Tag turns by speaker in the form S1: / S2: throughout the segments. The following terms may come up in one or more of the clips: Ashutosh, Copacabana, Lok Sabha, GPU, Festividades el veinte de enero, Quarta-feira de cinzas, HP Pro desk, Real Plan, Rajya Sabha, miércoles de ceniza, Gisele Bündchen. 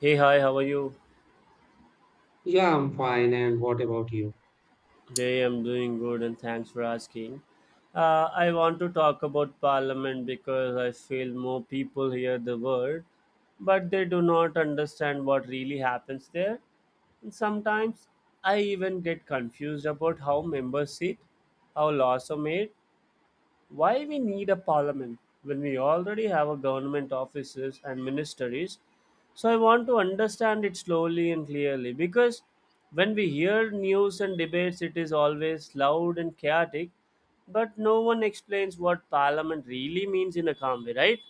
S1: Hey, hi, how are you?
S2: Yeah, I'm fine. And what about you?
S1: Hey, I'm doing good and thanks for asking. I want to talk about parliament because I feel more people hear the word, but they do not understand what really happens there. And sometimes I even get confused about how members sit, how laws are made, why we need a parliament when we already have a government offices and ministries? So I want to understand it slowly and clearly because when we hear news and debates, it is always loud and chaotic, but no one explains what parliament really means in a calm way, right?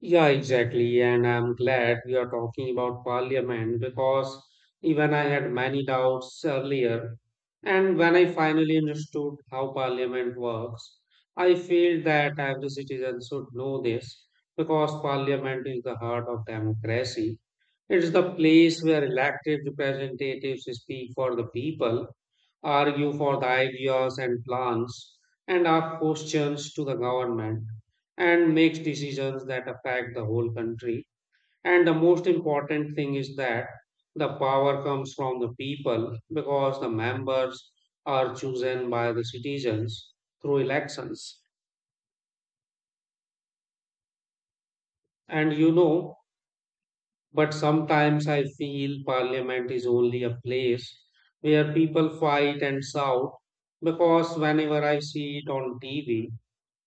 S2: Yeah, exactly. And I'm glad we are talking about parliament because even I had many doubts earlier. And when I finally understood how parliament works, I feel that every citizen should know this because parliament is the heart of democracy. It's the place where elected representatives speak for the people argue for the ideas and plans, and ask questions to the government, and makes decisions that affect the whole country. And the most important thing is that the power comes from the people because the members are chosen by the citizens through elections. And you know, but sometimes I feel parliament is only a place where people fight and shout because whenever I see it on TV,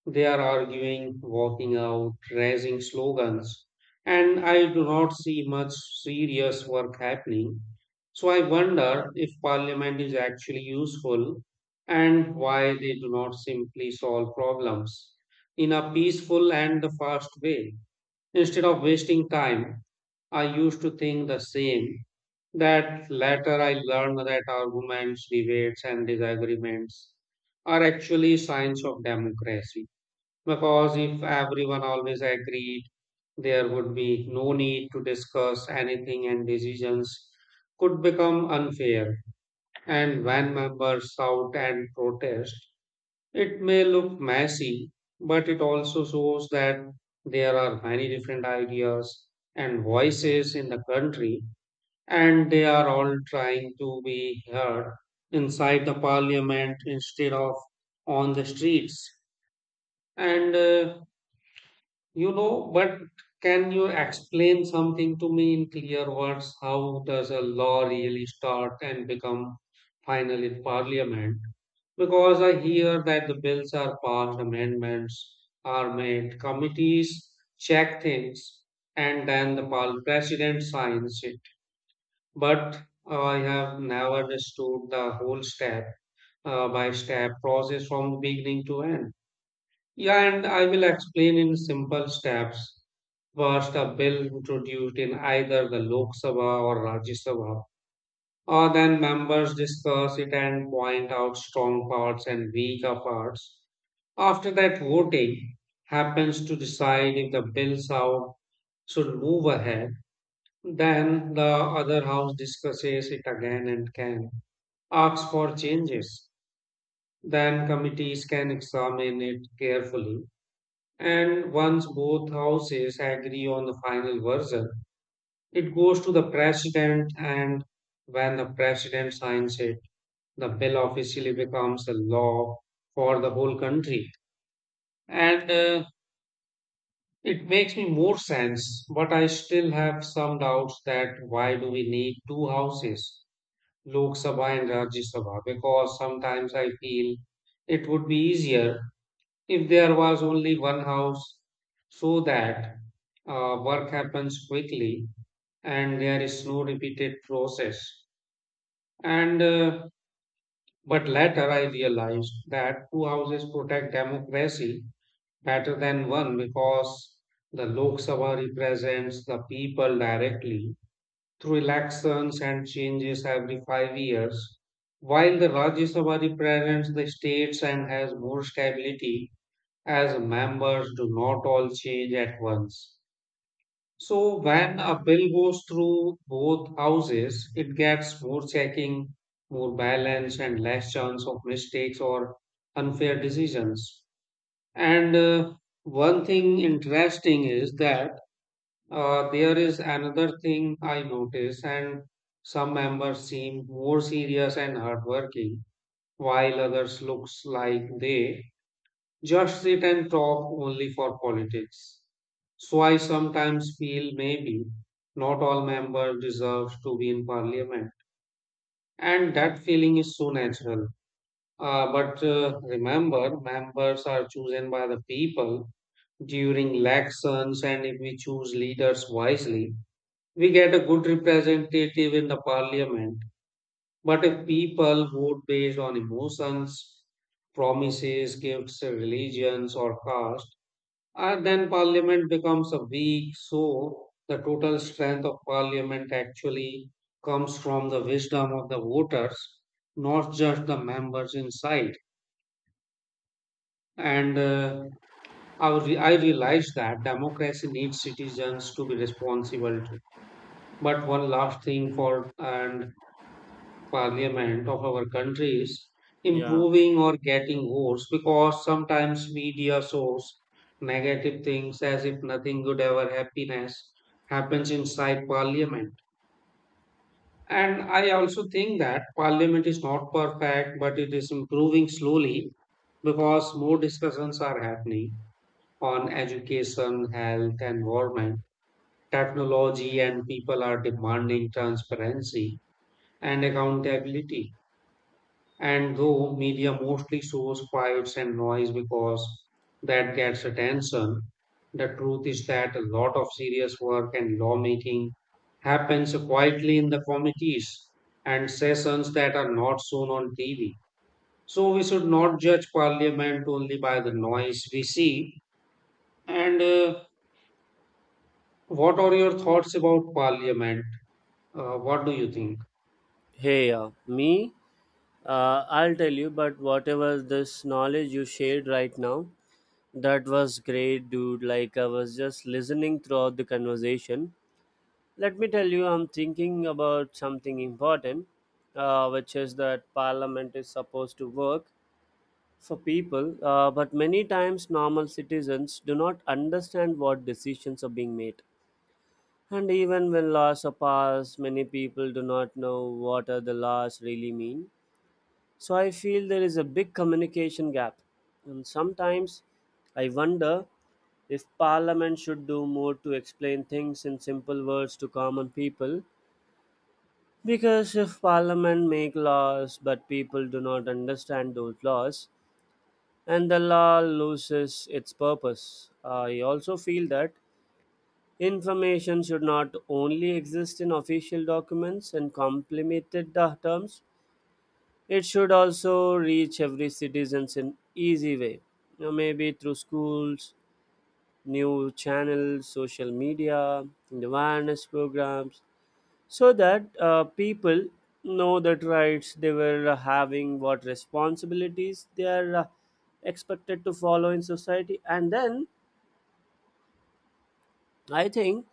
S2: they are arguing, walking out, raising slogans, and I do not see much serious work happening. So I wonder if parliament is actually useful and why they do not simply solve problems in a peaceful and fast way. Instead of wasting time, I used to think the same. That later I learned that arguments, debates, and disagreements are actually signs of democracy. Because if everyone always agreed, there would be no need to discuss anything and decisions could become unfair. And when members shout and protest, it may look messy, but it also shows that there are many different ideas and voices in the country, and they are all trying to be heard inside the parliament instead of on the streets. And You know, but can you explain something to me in clear words? How does a law really start and become final in parliament? Because I hear that the bills are passed, amendments are made, committees check things, and then the president signs it. But I have never understood the whole step by step process from beginning to end. Yeah, and I will explain in simple steps. First, a bill introduced in either the Lok Sabha or Rajya Sabha, or then members discuss it and point out strong parts and weaker parts. After that, voting happens to decide if the bill out should move ahead. Then the other house discusses it again and can ask for changes. Then committees can examine it carefully. And once both houses agree on the final version, it goes to the president, and when the president signs it, the bill officially becomes the law for the whole country. And It makes me more sense, but I still have some doubts that why do we need two houses, Lok Sabha and Rajya Sabha? Because sometimes I feel it would be easier if there was only one house, so that work happens quickly and there is no repeated process. And But later I realized that two houses protect democracy better than one because the Lok Sabha represents the people directly through elections and changes every 5 years, while the Rajya Sabha represents the states and has more stability as members do not all change at once. So when a bill goes through both houses, it gets more checking, more balance, and less chance of mistakes or unfair decisions. And One thing interesting is that there is another thing I notice, and some members seem more serious and hardworking, while others looks like they just sit and talk only for politics. So I sometimes feel maybe not all members deserve to be in parliament. And that feeling is so natural. But Remember, members are chosen by the people during elections, and if we choose leaders wisely, we get a good representative in the parliament. But if people vote based on emotions, promises, gifts, religions, or caste, and then parliament becomes a weak, so the total strength of parliament actually comes from the wisdom of the voters, not just the members inside. And I realized that democracy needs citizens to be responsible. Too. But one last thing for and parliament of our country is
S1: Yeah.
S2: improving or getting worse because sometimes media shows negative things as if nothing good ever happiness happens inside parliament. And I also think that parliament is not perfect, but it is improving slowly because more discussions are happening on education, health, environment, technology, and people are demanding transparency and accountability. And though media mostly shows fights and noise because that gets attention, the truth is that a lot of serious work and lawmaking happens quietly in the committees and sessions that are not shown on TV. So we should not judge parliament only by the noise we see. And What are your thoughts about parliament? What do you think?
S1: Hey, me, I'll tell you, but whatever this knowledge you shared right now, that was great, dude. Like, I was just listening throughout the conversation. Let me tell you, I'm thinking about something important, which is that parliament is supposed to work for people, but many times normal citizens do not understand what decisions are being made. And even when laws are passed, many people do not know what are the laws really mean. So I feel there is a big communication gap. And sometimes I wonder if parliament should do more to explain things in simple words to common people. Because if parliament make laws but people do not understand those laws, and the law loses its purpose. I also feel that information should not only exist in official documents and complemented the terms, it should also reach every citizen in easy way. You know, maybe through schools, new channels, social media, and awareness programs so that people know that rights they were having, what responsibilities they are expected to follow in society. And then I think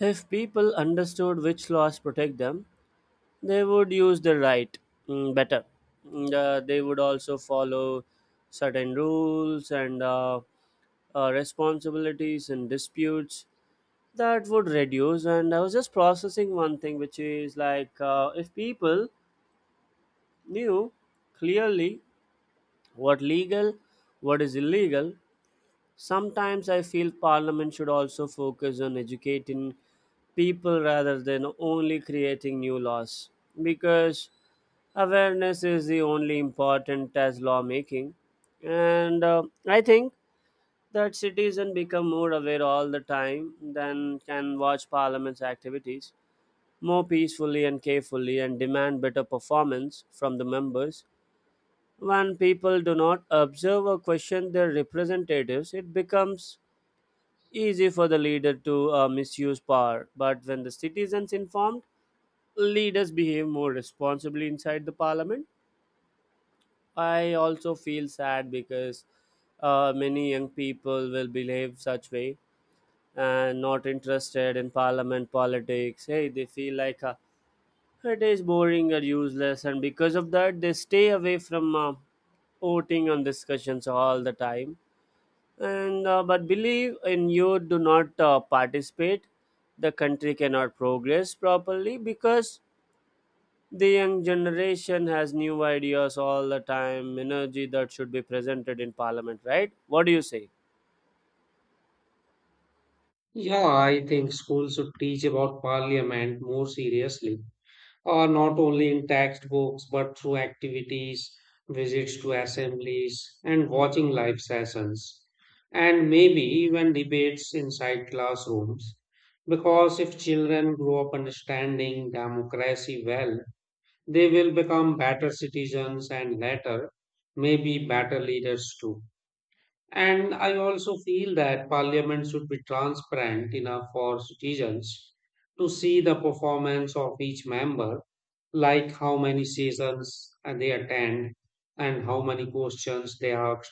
S1: if people understood which laws protect them, they would use the right better. And, they would also follow certain rules and responsibilities, and disputes that would reduce. And I was just processing one thing, which is like, if people knew clearly what legal, what is illegal, sometimes I feel parliament should also focus on educating people rather than only creating new laws, because awareness is the only important as lawmaking. And I think that citizens become more aware all the time, then can watch parliament's activities more peacefully and carefully and demand better performance from the members. When people do not observe or question their representatives, it becomes easy for the leader to misuse power. But when the citizens informed, leaders behave more responsibly inside the parliament. I also feel sad because many young people will behave such way and not interested in parliament politics. Hey, they feel like it is boring or useless, and because of that, they stay away from voting and discussions all the time. And but believe in, you do not participate, the country cannot progress properly because the young generation has new ideas all the time, energy that should be presented in parliament, right? What do you say?
S2: Yeah, I think schools should teach about parliament more seriously not only in textbooks but through activities, visits to assemblies, and watching live sessions, and maybe even debates inside classrooms. Because if children grow up understanding democracy well, they will become better citizens and later, maybe better leaders too. And I also feel that parliament should be transparent enough for citizens to see the performance of each member, like how many sessions they attend and how many questions they asked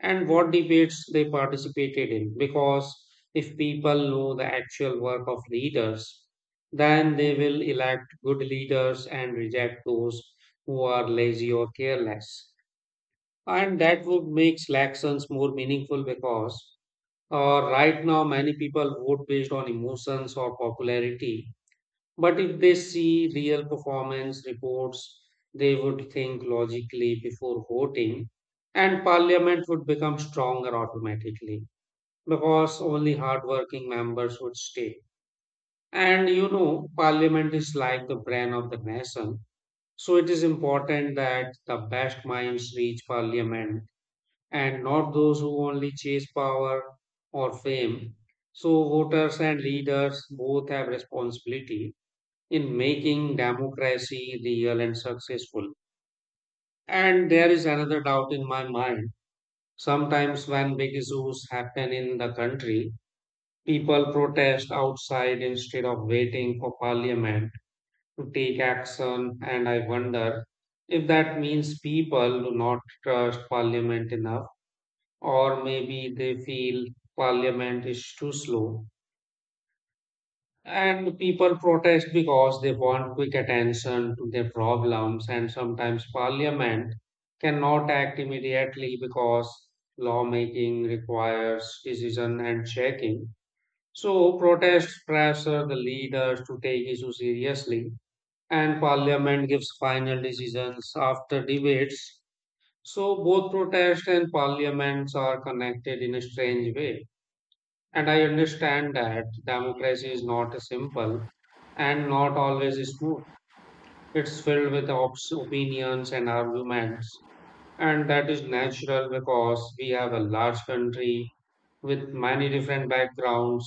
S2: and what debates they participated in. Because if people know the actual work of leaders, then they will elect good leaders and reject those who are lazy or careless and that would make elections more meaningful because right now many people vote based on emotions or popularity but if they see real performance reports they would think logically before voting and parliament would become stronger automatically because only hardworking members would stay and you know parliament is like the brain of the nation so it is important that the best minds reach parliament and not those who only chase power or fame. So, voters and leaders both have responsibility in making democracy real and successful. And there is another doubt in my mind. Sometimes, when big issues happen in the country, people protest outside instead of waiting for parliament to take action. And I wonder if that means people do not trust parliament enough or maybe they feel parliament is too slow. And people protest because they want quick attention to their problems, and sometimes parliament cannot act immediately because lawmaking requires decision and checking. So, protests pressure the leaders to take issues seriously, and parliament gives final decisions after debates. So, both protest and parliaments are connected in a strange way. And I understand that democracy is not simple and not always smooth. It's filled with ops, opinions and arguments. And that is natural because we have a large country with many different backgrounds.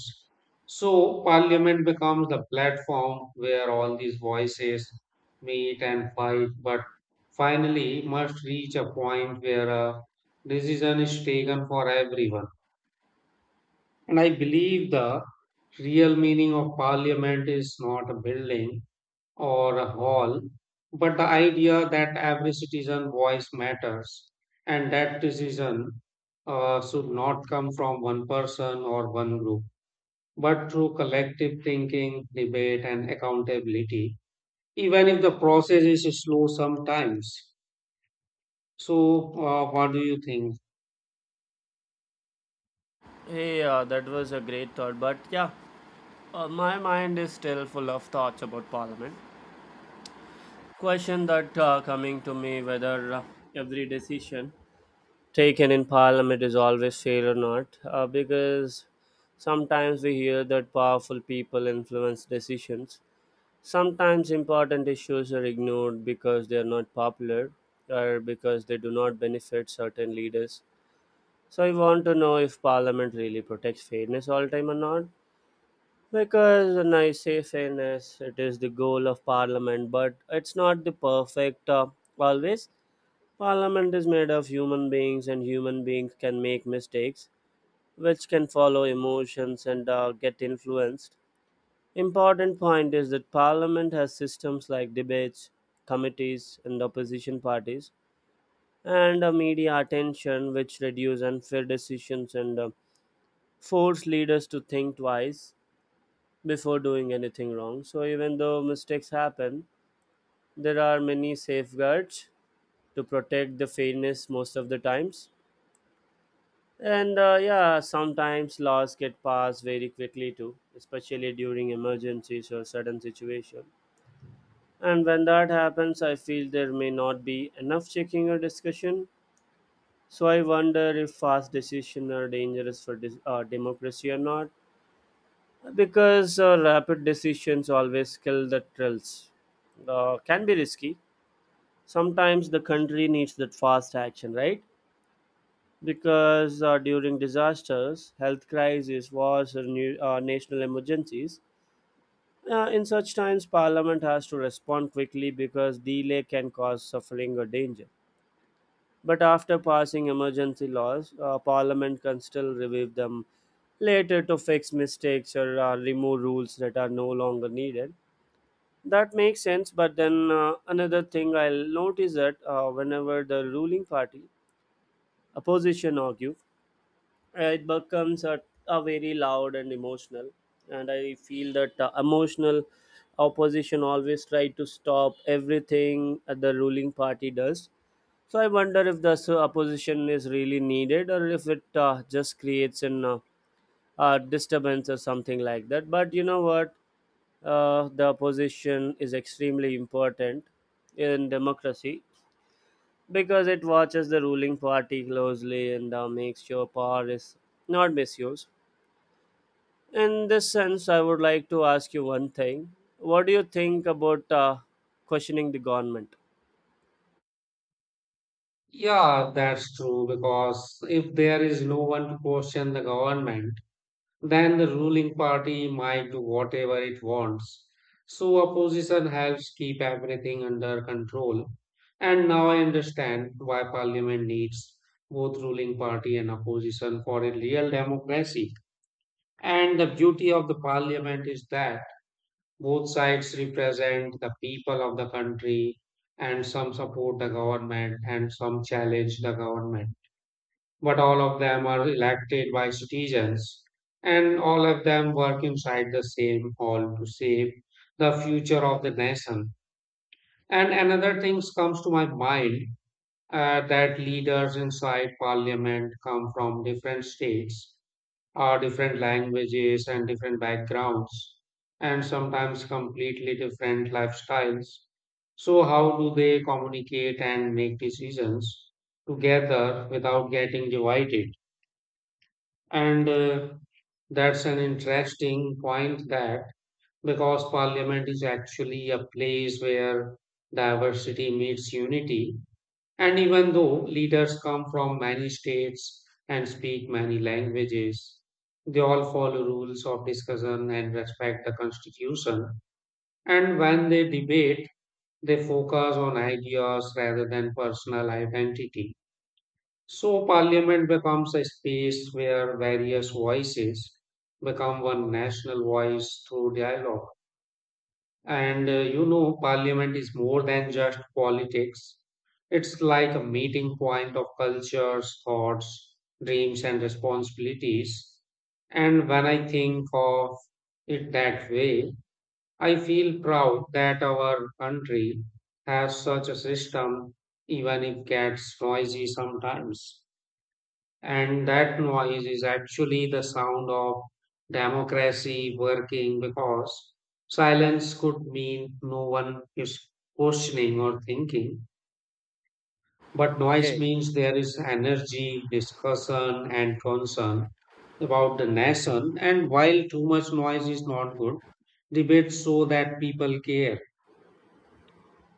S2: So, parliament becomes the platform where all these voices meet and fight, but finally must reach a point where a decision is taken for everyone and I believe the real meaning of parliament is not a building or a hall, but the idea that every citizen voice matters and that decision should not come from one person or one group, but through collective thinking, debate, and accountability, even if the process is slow sometimes. So, what do you think?
S1: Hey, that was a great thought, but yeah, my mind is still full of thoughts about parliament. Question that coming to me, whether every decision taken in parliament is always fair or not, because sometimes we hear that powerful people influence decisions, sometimes important issues are ignored because they are not popular or because they do not benefit certain leaders. So I want to know if parliament really protects fairness all time or not, because when I say fairness, it is the goal of parliament, but it's not the perfect always. Parliament is made of human beings, and human beings can make mistakes, which can follow emotions and get influenced. Important point is that Parliament has systems like debates, committees, and opposition parties, and media attention, which reduce unfair decisions and force leaders to think twice before doing anything wrong. So even though mistakes happen, there are many safeguards to protect the fairness most of the times. And yeah, sometimes laws get passed very quickly too, especially during emergencies or sudden situation. And when that happens, I feel there may not be enough checking or discussion. So I wonder if fast decisions are dangerous for democracy or not, because rapid decisions always kill the thrills. Can be risky. Sometimes the country needs that fast action, right? Because during disasters, health crises, wars, or new, national emergencies, in such times, Parliament has to respond quickly because delay can cause suffering or danger. But after passing emergency laws, Parliament can still review them later to fix mistakes or remove rules that are no longer needed. That makes sense, but then another thing I'll notice that whenever the ruling party, opposition, argue, it becomes a very loud and emotional. And I feel that emotional opposition always try to stop everything that the ruling party does. So I wonder if the opposition is really needed or if it just creates an disturbance or something like that. But you know what, the opposition is extremely important in democracy because it watches the ruling party closely and makes sure power is not misused. In this sense, I would like to ask you one thing. What do you think about questioning the government?
S2: Yeah, that's true because if there is no one to question the government, then the ruling party might do whatever it wants. So opposition helps keep everything under control. And now I understand why parliament needs both ruling party and opposition for a real democracy. And the beauty of the parliament is that both sides represent the people of the country and some support the government and some challenge the government but all of them are elected by citizens, and all of them work inside the same hall to shape the future of the nation. And another thing comes to my mind that leaders inside parliament come from different states, different languages, and different backgrounds, and sometimes completely different lifestyles. So, how do they communicate and make decisions together without getting divided? And That's an interesting point that because parliament is actually a place where diversity meets unity, and even though leaders come from many states and speak many languages, they all follow rules of discussion and respect the constitution. And when they debate, they focus on ideas rather than personal identity so, parliament becomes a space where various voices become one national voice through dialogue. And You know, parliament is more than just politics, it's like a meeting point of cultures, thoughts, dreams, and responsibilities. And when I think of it that way, I feel proud that our country has such a system, even if it gets noisy sometimes. And that noise is actually the sound of democracy working because silence could mean no one is questioning or thinking, but noise
S1: Hey.
S2: means there is energy, discussion, and concern about the nation. And while too much noise is not good, debate so that people care.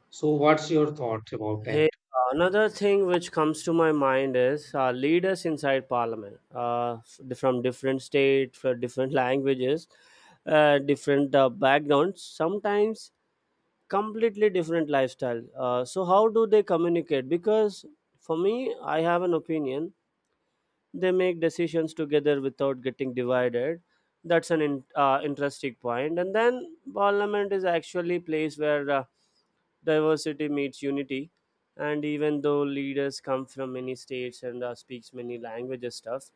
S2: So, what's your thoughts about that?
S1: Hey, another thing which comes to my mind is leaders inside parliament from different states, from different languages, different backgrounds, sometimes completely different lifestyle. So, how do they communicate? Because for me, I have an opinion they make decisions together without getting divided. That's an interesting point. And then parliament is actually a place where diversity meets unity, and even though leaders come from many states and speaks many languages stuff,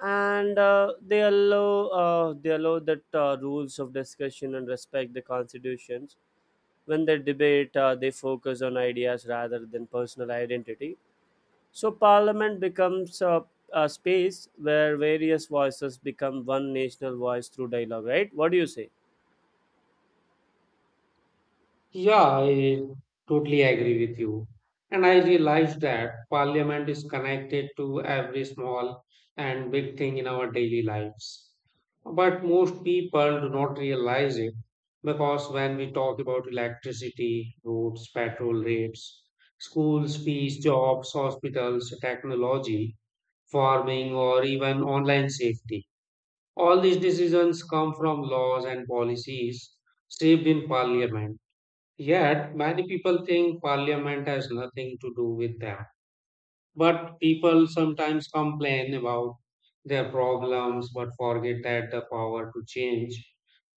S1: and they allow that rules of discussion and respect the constitutions. When they debate, they focus on ideas rather than personal identity. So, parliament becomes a space where various voices become one national voice through dialogue, right? What do you say?
S2: Yeah, I totally agree with you. And I realized that parliament is connected to every small and big thing in our daily lives. But most people do not realize it because when we talk about electricity, roads, petrol rates, schools, fees, jobs, hospitals, technology, farming, or even online safety, all these decisions come from laws and policies shaped in parliament. Yet, many people think parliament has nothing to do with them. But people sometimes complain about their problems but forget that the power to change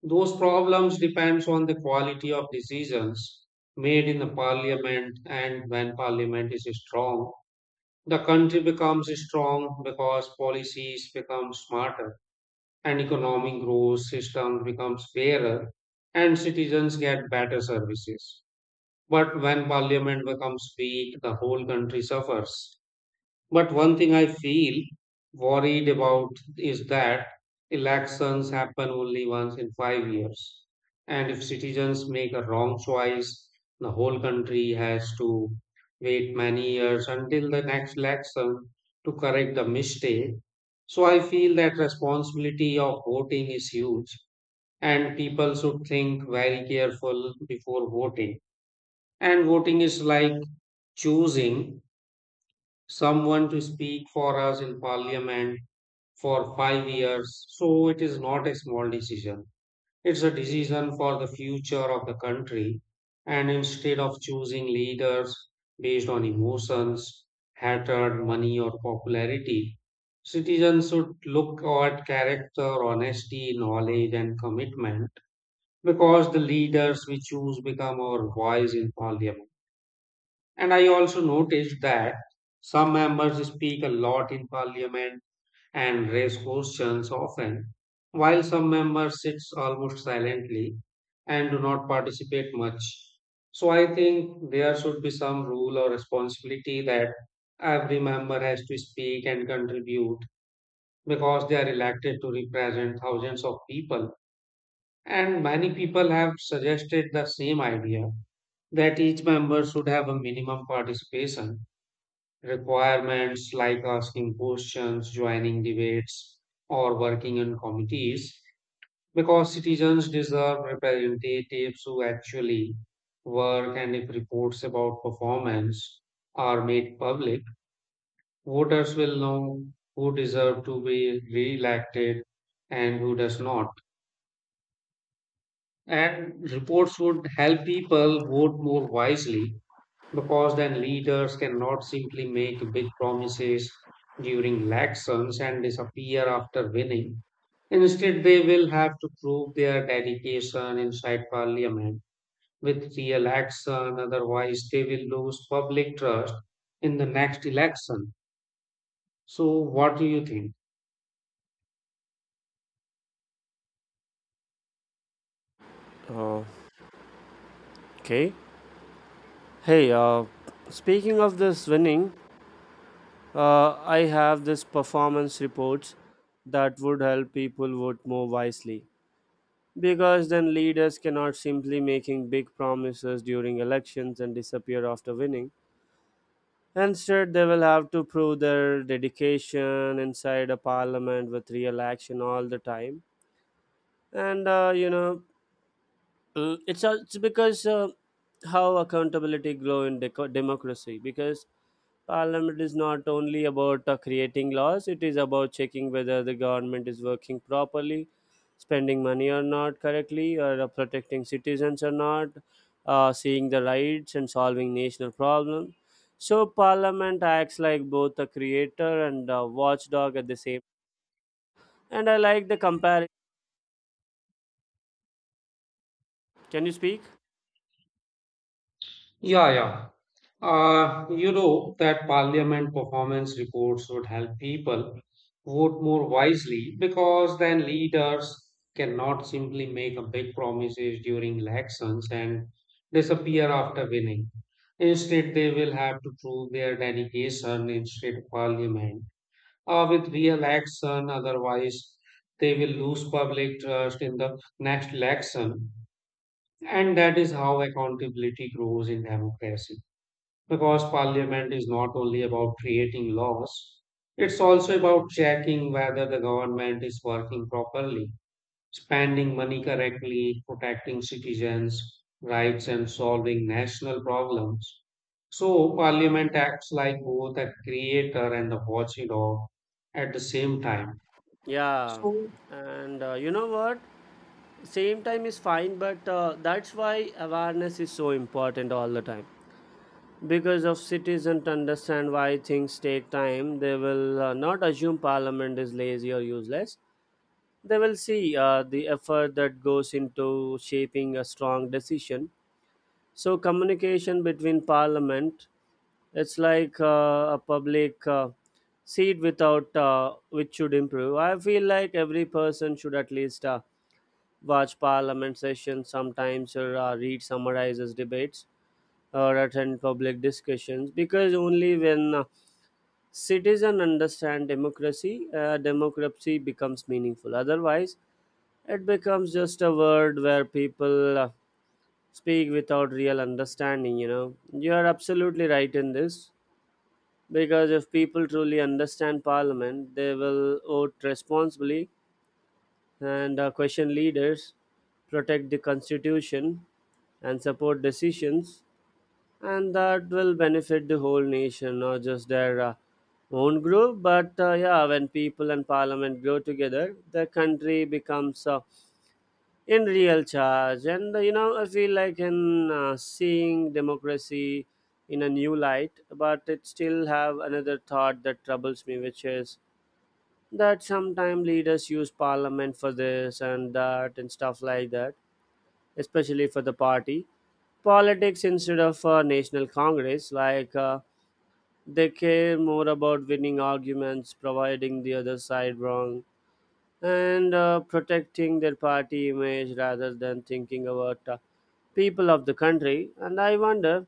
S2: those problems depends on the quality of decisions made in the parliament. And when parliament is strong, the country becomes strong because policies become smarter, and economic growth system becomes fairer, and citizens get better services. But when parliament becomes weak, the whole country suffers. But one thing I feel worried about is that elections happen only once in 5 years. And if citizens make a wrong choice, the whole country has to wait many years until the next election to correct the mistake. So I feel that responsibility of voting is huge and people should think very careful before voting, and voting is like choosing someone to speak for us in parliament for 5 years. So it is not a small decision. It's a decision for the future of the country. And instead of choosing leaders based on emotions, hatred, money, or popularity, citizens should look at character, honesty, knowledge, and commitment because the leaders we choose become our voice in parliament. And I also noticed that some members speak a lot in parliament and raise questions often, while some members sit almost silently and do not participate much. So I think there should be some rule or responsibility that every member has to speak and contribute because they are elected to represent thousands of people. And many people have suggested the same idea that each member should have a minimum participation requirements like asking questions, joining debates, or working on committees because citizens deserve representatives who actually work. And if reports about performance are made public, voters will know who deserve to be re-elected and who does not. And reports would help people vote more wisely because then leaders cannot simply make big promises during elections and disappear after winning. Instead, they will have to prove their dedication inside parliament with real action. Otherwise, they will lose public trust in the next election. So, what do you think?
S1: Oh. Okay. Hey, speaking of this winning, I have this performance reports that would help people vote more wisely, because then leaders cannot simply making big promises during elections and disappear after winning. Instead, they will have to prove their dedication inside a parliament with real action all the time. And you know, it's because how accountability grow in democracy, because parliament is not only about creating laws, it is about checking whether the government is working properly, spending money or not correctly, or protecting citizens or not, seeing the rights and solving national problems. So parliament acts like both a creator and a watchdog at the same. And I like the comparison. Can you speak?
S2: Yeah, yeah. You know that parliament performance reports would help people vote more wisely because then leaders cannot simply make a big promises during elections and disappear after winning. Instead, they will have to prove their dedication in state parliament with real action. Otherwise, they will lose public trust in the next election. And that is how accountability grows in democracy because parliament is not only about creating laws, it's also about checking whether the government is working properly, spending money correctly, protecting citizens' rights, and solving national problems. So, parliament acts like both a creator and a watchdog at the same time.
S1: Yeah,
S2: So,
S1: and you know what? Same time is fine, but that's why awareness is so important all the time. Because if citizens understand why things take time, they will not assume parliament is lazy or useless. They will see the effort that goes into shaping a strong decision. So communication between parliament, it's like a public seat without which should improve. I feel like every person should at least watch parliament sessions sometimes, or read summarizes debates or attend public discussions, because only when citizens understand democracy, democracy becomes meaningful. Otherwise it becomes just a word where people speak without real understanding. You know, you are absolutely right in this, because if people truly understand parliament, they will vote responsibly and question leaders, protect the constitution, and support decisions, and that will benefit the whole nation, not just their own group. But yeah, when people and parliament grow together, the country becomes in real charge. And you know, I feel like in seeing democracy in a new light, but it still have another thought that troubles me, which is that sometimes leaders use parliament for this and that and stuff like that, especially for the party politics instead of national congress. Like they care more about winning arguments, providing the other side wrong, and protecting their party image rather than thinking about people of the country. And I wonder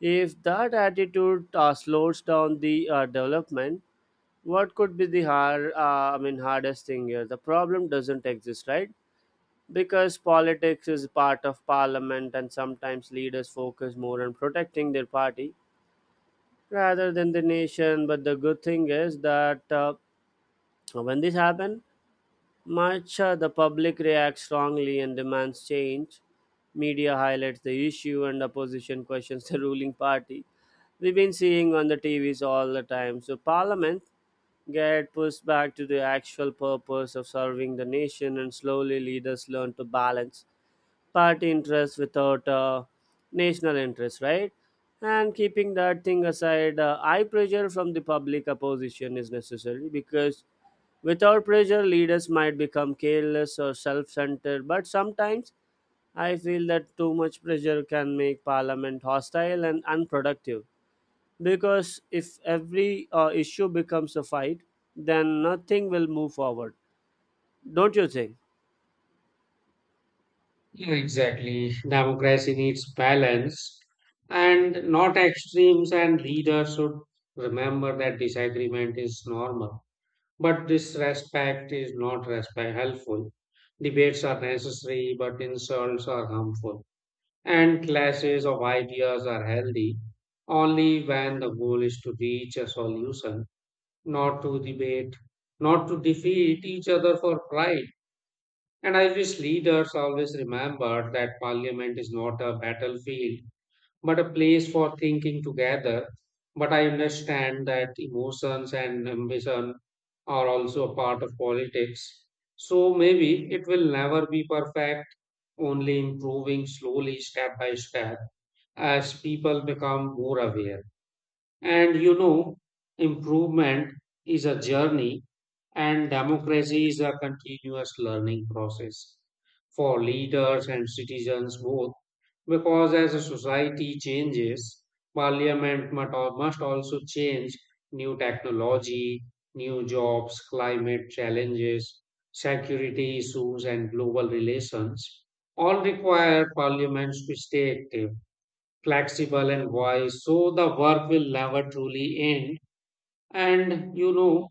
S1: if that attitude slows down the development. What could be the hardest thing here? The problem doesn't exist, right? Because politics is part of parliament, and sometimes leaders focus more on protecting their party rather than the nation. But the good thing is that when this happens, Much the public reacts strongly and demands change. Media highlights the issue and opposition questions the ruling party. We've been seeing on the TVs all the time. So parliament get pushed back to the actual purpose of serving the nation, and slowly leaders learn to balance party interest without national interest, right? And keeping that thing aside, high pressure from the public opposition is necessary, because without pressure, leaders might become careless or self centered. But sometimes I feel that too much pressure can make parliament hostile and unproductive, because if every issue becomes a fight, then nothing will move forward. Don't you think?
S2: yeah, exactly. Democracy needs balance and not extremes, and leaders should remember that disagreement is normal. But disrespect is not respect helpful. Debates are necessary, but insults are harmful. And clashes of ideas are healthy only when the goal is to reach a solution, not to debate, not to defeat each other for pride. And I wish leaders always remembered that parliament is not a battlefield, but a place for thinking together. But I understand that emotions and ambition are also a part of politics. So maybe it will never be perfect, only improving slowly, step by step, as people become more aware. And you know, improvement is a journey, and democracy is a continuous learning process for leaders and citizens both. Because as a society changes, parliament must also change. New technology, new jobs, climate challenges, security issues, and global relations all require parliaments to stay active, flexible and wise, so the work will never truly end. And you know,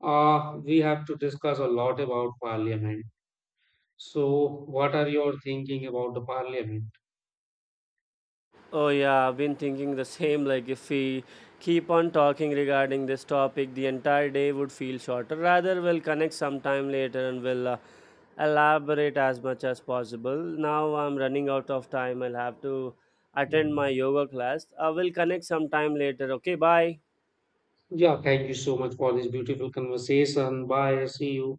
S2: we have to discuss a lot about parliament. So what are your thinking about the parliament?
S1: Oh yeah, I've been thinking the same. Like, if we keep on talking regarding this topic, the entire day would feel shorter. Rather, we'll connect sometime later and we'll elaborate as much as possible. Now I'm running out of time. I'll have to attend my yoga class. I will connect sometime later. Okay, bye.
S2: Yeah, thank you so much for this beautiful conversation. Bye, see you.